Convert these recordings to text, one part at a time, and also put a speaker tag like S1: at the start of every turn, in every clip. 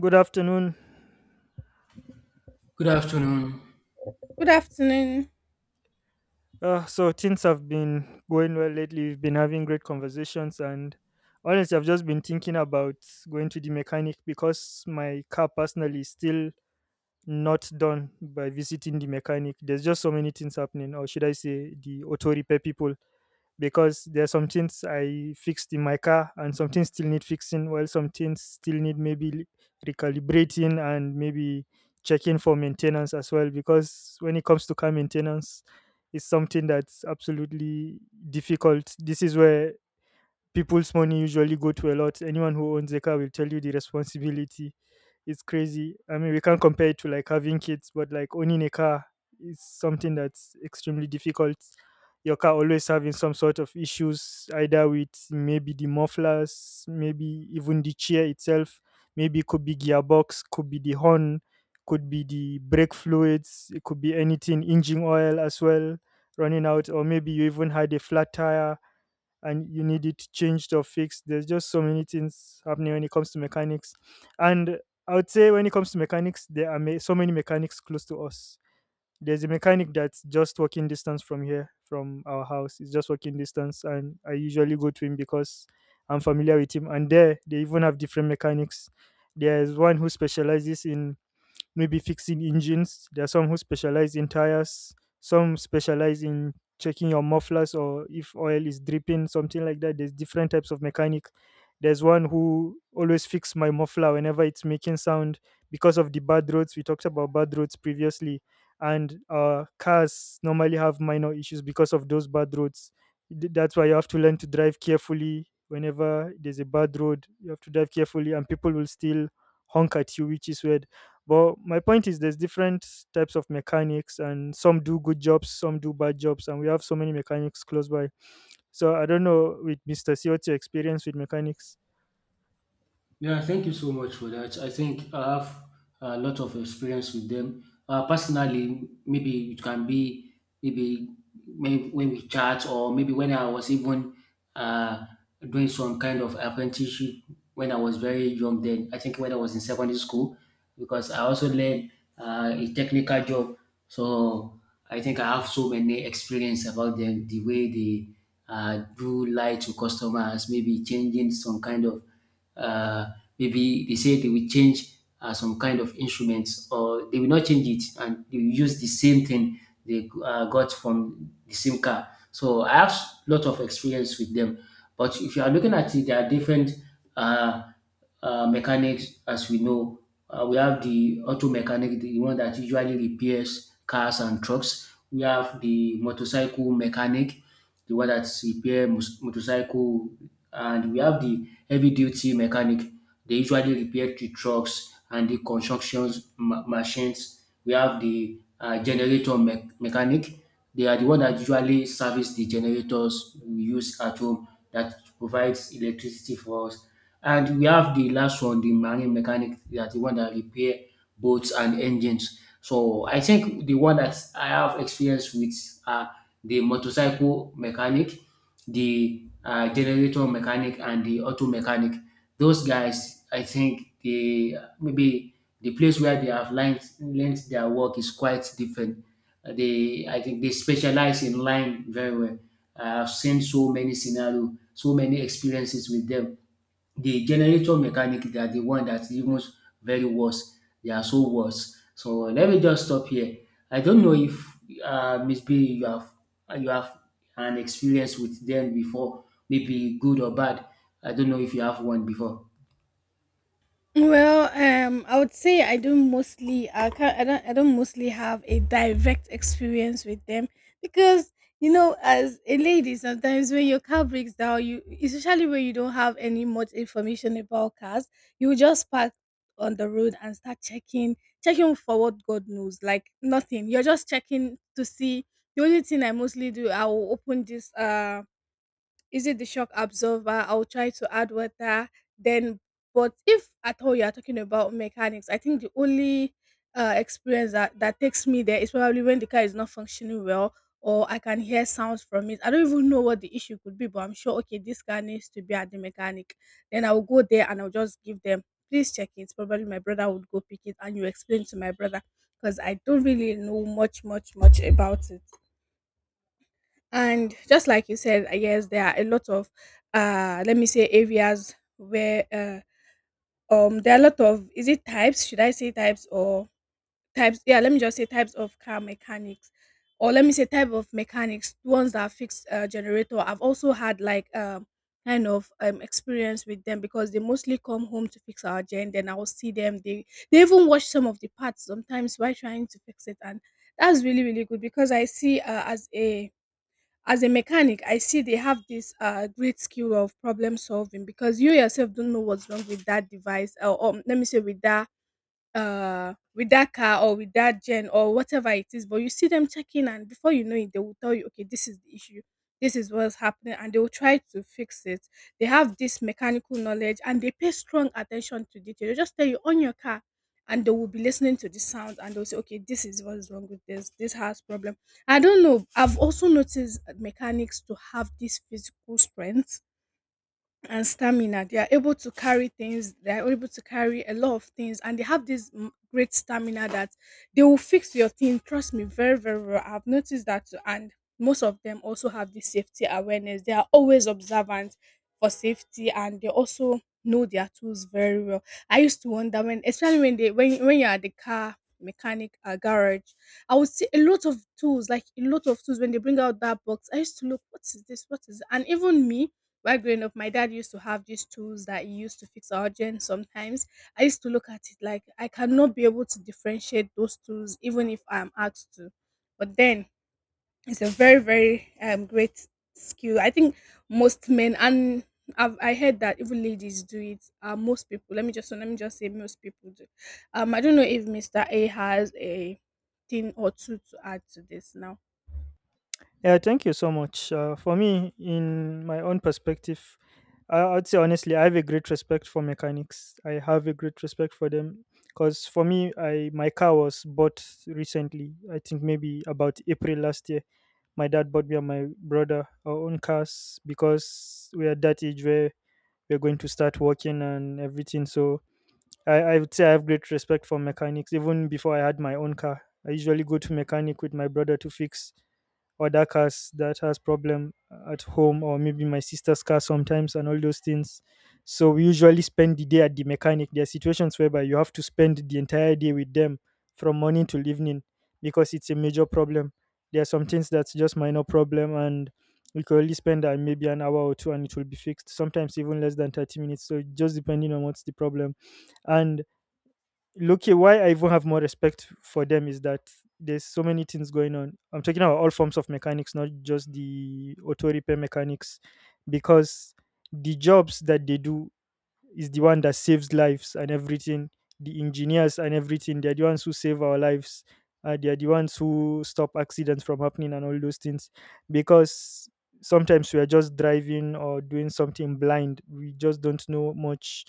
S1: Good afternoon.
S2: Good afternoon.
S3: Good afternoon.
S1: So things have been going well lately. We've been having great conversations, and honestly, I've just been thinking about going to the mechanic because my car personally is still not done by visiting the mechanic. There's just so many things happening, or should I say, the auto repair people. Because there are some things I fixed in my car and some things still need fixing, while some things still need maybe recalibrating and maybe checking for maintenance as well. Because when it comes to car maintenance, it's something that's absolutely difficult. This is where people's money usually go to a lot. Anyone who owns a car will tell you the responsibility. It's crazy. I mean, we can't compare it to like having kids, but like owning a car is something that's extremely difficult. Your car always having some sort of issues, either with maybe the mufflers, maybe even the chair itself, maybe it could be gearbox, could be the horn, could be the brake fluids, it could be anything, engine oil as well running out, or maybe you even had a flat tire and you need it changed or fixed. There's just so many things happening when it comes to mechanics. And I would say when it comes to mechanics, there are so many mechanics close to us. There's a mechanic that's just walking distance from here, from our house. It's just walking distance, and I usually go to him because I'm familiar with him. And there, they even have different mechanics. There's one who specializes in maybe fixing engines. There are some who specialize in tires, some specialize in checking your mufflers or if oil is dripping, something like that. There's different types of mechanic. There's one who always fix my muffler whenever it's making sound because of the bad roads. We talked about bad roads previously, and cars normally have minor issues because of those bad roads. That's why you have to learn to drive carefully. Whenever there's a bad road, you have to drive carefully, and people will still honk at you, which is weird. But my point is, there's different types of mechanics, and some do good jobs, some do bad jobs, and we have so many mechanics close by. So I don't know, with Mister C, what's your experience with mechanics?
S2: Yeah, thank you so much for that. I think I have a lot of experience with them. Personally, maybe it can be maybe maybe when we chat, or maybe when I was even uh, doing some kind of apprenticeship when I was very young. Then I think when I was in secondary school, because I also learned a technical job, so I think I have so many experience about them, the way they do lie to customers, maybe changing some kind of uh, Maybe they say they will change some kind of instruments, or they will not change it, and they will use the same thing they got from the same car. So I have a lot of experience with them. But if you are looking at it, there are different uh, mechanics, as we know. We have the auto mechanic, the one that usually repairs cars and trucks. We have the motorcycle mechanic, the one that repair motorcycle, and we have the heavy duty mechanic, they usually repair the trucks and the construction machines. We have the generator mechanic. They are the one that usually service the generators we use at home that provides electricity for us. And we have the last one, the marine mechanic. They are the one that repair boats and engines. So I think the one that I have experience with are the motorcycle mechanic, the generator mechanic, and the auto mechanic. Those guys, I think they maybe the place where they have learned their work is quite different. They, I think they specialize in line very well. I've seen so many scenarios, so many experiences with them. The generator mechanic, they are the one that's even very worse. They are so worse. So let me just stop here. I don't know if Miss B, you have an experience with them before, maybe good or bad. I don't know if you have one before.
S3: Well, I would say I don't mostly I can't I don't mostly have a direct experience with them because you know, as a lady, sometimes when your car breaks down, you, especially when you don't have any much information about cars, you just park on the road and start checking for what God knows, like nothing, you're just checking to see. The only thing I mostly do, I will open this. Is it the shock absorber? I'll try to add water. Then, but if at all you are talking about mechanics, I think the only experience that takes me there is probably when the car is not functioning well or I can hear sounds from it. I don't even know what the issue could be, but I'm sure, okay, this car needs to be at the mechanic. Then I'll go there and I'll just give them, please check it. Probably my brother would go pick it and you explain to my brother because I don't really know much about it. And just like you said, I guess there are a lot of, let me say, areas where there are a lot of, is it types? Should I say types or types? Yeah, let me just say types of car mechanics, or let me say type of mechanics. Ones that fix generator. I've also had like kind of experience with them because they mostly come home to fix our gen. Then I will see them. They even wash some of the parts sometimes while trying to fix it, and that's really really good because I see, as a mechanic, I see they have this great skill of problem solving, because you yourself don't know what's wrong with that device, or let me say, with that car or with that gen or whatever it is, but you see them checking, and before you know it they will tell you, okay, this is the issue, this is what's happening, and they will try to fix it. They have this mechanical knowledge and they pay strong attention to detail. They just tell you on your car and they will be listening to the sound and they'll say, okay, this is what's wrong with this, this has problem. I don't know, I've also noticed mechanics to have this physical strength and stamina. They are able to carry things. They are able to carry a lot of things, and they have this great stamina that they will fix your thing. Trust me, very, very well. I've noticed that, too. And most of them also have this safety awareness. They are always observant for safety, and they also know their tools very well. I used to wonder when, especially when they when you're at the car mechanic garage, I would see a lot of tools, like a lot of tools, when they bring out that box. I used to look, what is this, what is it? And even me, while growing up, my dad used to have these tools that he used to fix our gen sometimes. I used to look at it like I cannot be able to differentiate those tools even if I am asked to. But then it's a very, very great skill. I think most men and, I heard that even ladies do it. Most people, let me just say most people do. I don't know if Mr. A has a thing or two to add to this now.
S1: Yeah, thank you so much. For me, in my own perspective, I'd say honestly, I have a great respect for mechanics. I have a great respect for them because for me, I my car was bought recently. I think maybe about April last year. My dad bought me and my brother our own cars because we are at that age where we're going to start working and everything. So I would say I have great respect for mechanics. Even before I had my own car, I usually go to mechanic with my brother to fix other cars that has problem at home or maybe my sister's car sometimes and all those things. So we usually spend the day at the mechanic. There are situations whereby you have to spend the entire day with them, from morning till evening, because it's a major problem. There are some things that's just minor problem, and we could only spend maybe an hour or two and it will be fixed, sometimes even less than 30 minutes, so just depending on what's the problem. And Loki, why I even have more respect for them is that there's so many things going on. I'm talking about all forms of mechanics, not just the auto repair mechanics, because the jobs that they do is the one that saves lives and everything. The engineers and everything, they're the ones who save our lives. They are the ones who stop accidents from happening and all those things. Because sometimes we are just driving or doing something blind. We just don't know much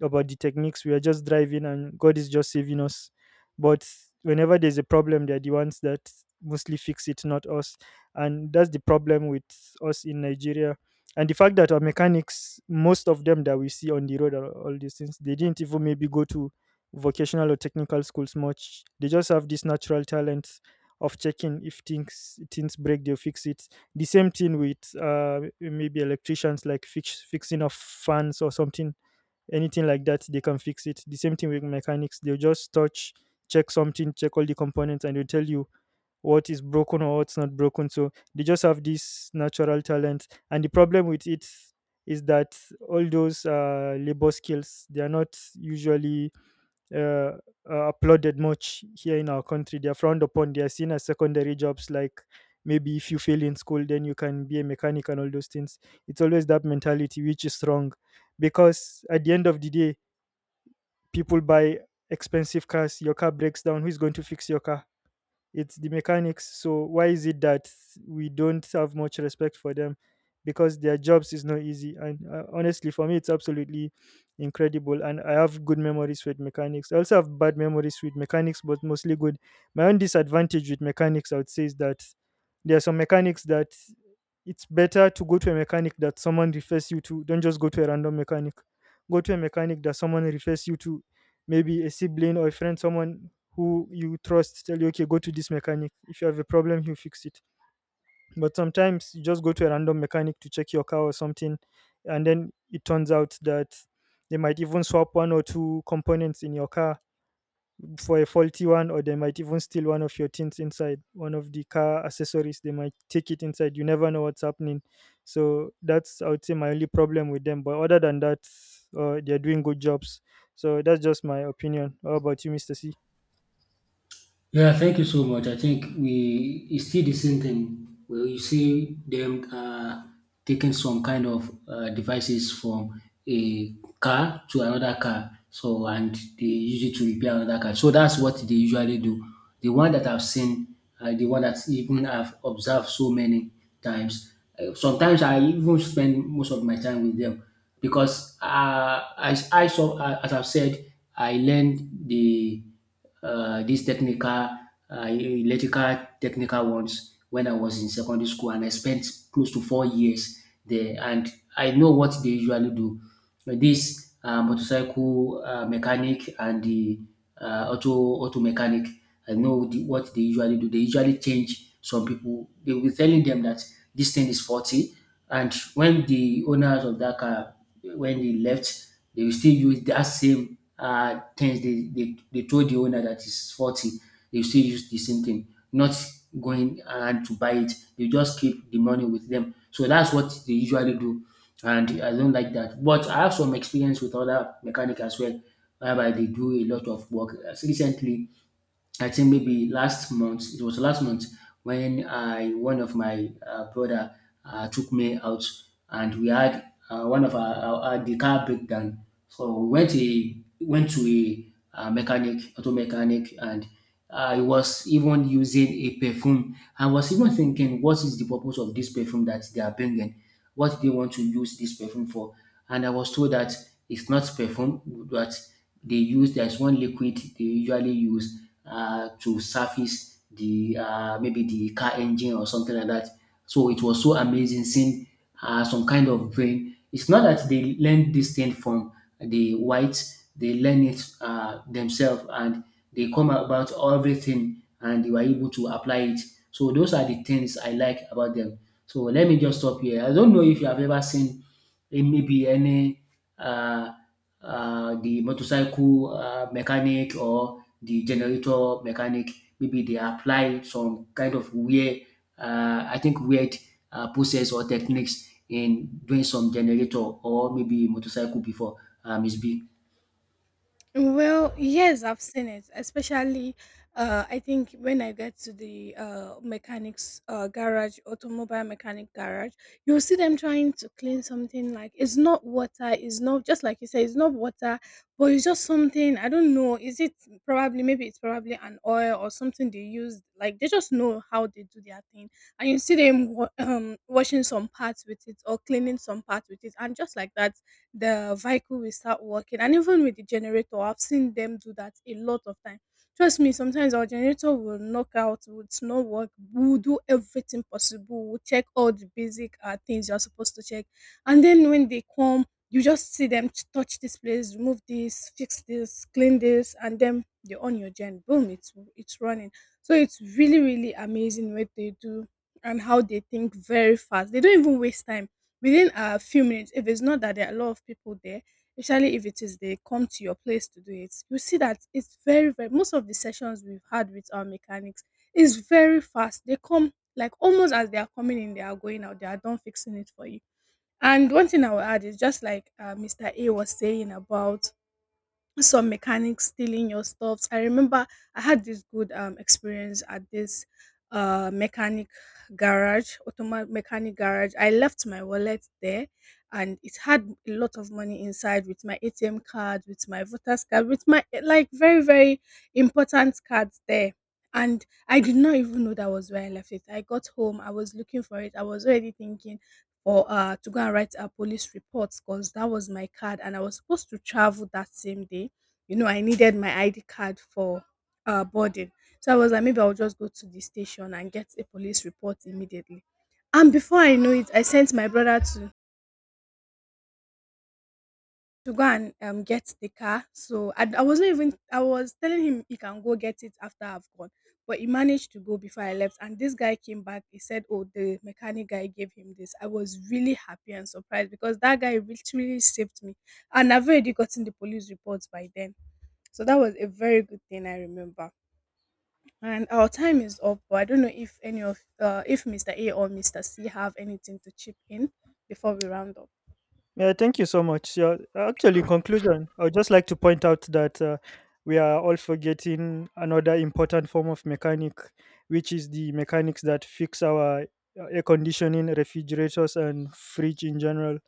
S1: about the techniques. We are just driving and God is just saving us. But whenever there's a problem, they're the ones that mostly fix it, not us. And that's the problem with us in Nigeria, and the fact that our mechanics, most of them that we see on the road and all these things, they didn't even maybe go to vocational or technical schools much. They just have this natural talent of checking if things break, they'll fix it. The same thing with maybe electricians, like fixing of fans or something, anything like that, they can fix it. The same thing with mechanics. They'll just touch, check something, check all the components, and they'll tell you what is broken or what's not broken. So they just have this natural talent. And the problem with it is that all those labor skills, they are not usually uh, applauded much here in our country. They are frowned upon. They are seen as secondary jobs, like maybe if you fail in school, then you can be a mechanic and all those things. It's always that mentality, which is wrong, because at the end of the day, people buy expensive cars, your car breaks down, who's going to fix your car? It's the mechanics. So why is it that we don't have much respect for them? Because their jobs is not easy, and honestly for me it's absolutely incredible. And I have good memories with mechanics. I also have bad memories with mechanics, but mostly good. My own disadvantage with mechanics, I would say, is that there are some mechanics that it's better to go to a mechanic that someone refers you to. Don't just go to a random mechanic. Go to a mechanic that someone refers you to, maybe a sibling or a friend, someone who you trust tell you, okay, go to this mechanic, if you have a problem he'll fix it. But sometimes you just go to a random mechanic to check your car or something, and then it turns out that they might even swap one or two components in your car for a faulty one, or they might even steal one of your things inside, one of the car accessories they might take it inside, you never know what's happening. So that's, I would say, my only problem with them. But other than that, they're doing good jobs. So that's just my opinion. How about you, Mr. C?
S2: Yeah, thank you so much. I think we it's still the same thing where you see them taking some kind of devices from a car to another car. So and they use it to repair another car. So that's what they usually do. The one that I've seen, the one that even I've observed so many times. Sometimes I even spend most of my time with them because as I saw, as I've said, I learned the these technical, electrical technical ones when I was in secondary school, and I spent close to 4 years there. And I know what they usually do. But this motorcycle mechanic and the auto mechanic, I know the, what they usually do. They usually change some people. They will be telling them that this thing is faulty, and when the owners of that car when they left, they will still use that same things they told the owner that is faulty, they still use the same thing, not going around to buy it. They just keep the money with them. So that's what they usually do. And I don't like that. But I have some experience with other mechanic as well, whereby they do a lot of work. As recently, I think maybe last month, it was last month when I one of my brother took me out and we had one of the car breakdown. So we went to a mechanic, auto mechanic, and I was even using a perfume. I was even thinking, what is the purpose of this perfume that they are bringing? What they want to use this perfume for? And I was told that it's not perfume, that they use there's one liquid they usually use to service the maybe the car engine or something like that. So it was so amazing seeing some kind of brain. It's not that they learned this thing from the whites; they learn it themselves, and they come about everything, and they were able to apply it. So those are the things I like about them. So let me just stop here. I don't know if you have ever seen eh, maybe any uh, the motorcycle mechanic or the generator mechanic. Maybe they apply some kind of weird, I think weird process or techniques in doing some generator or maybe motorcycle before. Miss B.
S3: Well, yes, I've seen it. Especially, I think when I get to the mechanics garage, automobile mechanic garage, you'll see them trying to clean something, like it's not water, it's not, just like you say, it's not water, but it's just something I don't know. Is it probably, maybe it's probably an oil or something they use? Like they just know how they do their thing, and you see them washing some parts with it or cleaning some parts with it, and just like that the vehicle will start working. And even with the generator, I've seen them do that a lot of time. Trust me, sometimes our generator will knock out, would not work, we'll do everything possible, we'll check all the basic things you're supposed to check. And then when they come, you just see them touch this place, remove this, fix this, clean this, and then they on your gen. Boom, it's running. So it's really, really amazing what they do and how they think very fast. They don't even waste time. Within a few minutes, if it's not that there are a lot of people there, especially if it is they come to your place to do it, you see that it's very very, most of the sessions we've had with our mechanics is very fast. They come like almost as they are coming in they are going out, they are done fixing it for you. And one thing I will add is, just like Mr. A was saying about some mechanics stealing your stuffs. I remember I had this good experience at this mechanic garage, automatic mechanic garage. I left my wallet there and it had a lot of money inside, with my ATM card, with my voter's card, with my like very, very important cards there. And I did not even know that was where I left it. I got home, I was looking for it, I was already thinking for to go and write a police report, because that was my card and I was supposed to travel that same day. You know, I needed my ID card for boarding. So I was like, maybe I'll just go to the station and get a police report immediately. And before I know it, I sent my brother to go and get the car. So I wasn't even, I was telling him he can go get it after I've gone. But he managed to go before I left. And this guy came back. He said, oh, the mechanic guy gave him this. I was really happy and surprised because that guy literally saved me. And I've already gotten the police reports by then. So that was a very good thing I remember. And our time is up, but I don't know if any of if Mr. A or Mr. C have anything to chip in before we round up.
S1: Yeah, thank you so much. Yeah, actually, in conclusion, I would just like to point out that we are all forgetting another important form of mechanic, which is the mechanics that fix our air conditioning, refrigerators, and fridge in general,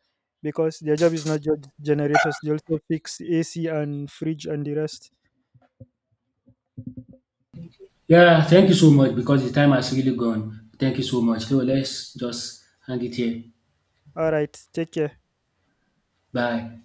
S1: because their job is not just generators; they also fix AC and fridge and the rest.
S2: Yeah, thank you so much because the time has really gone. Thank you so much. So let's just hand it here.
S1: All right, take care.
S2: Bye.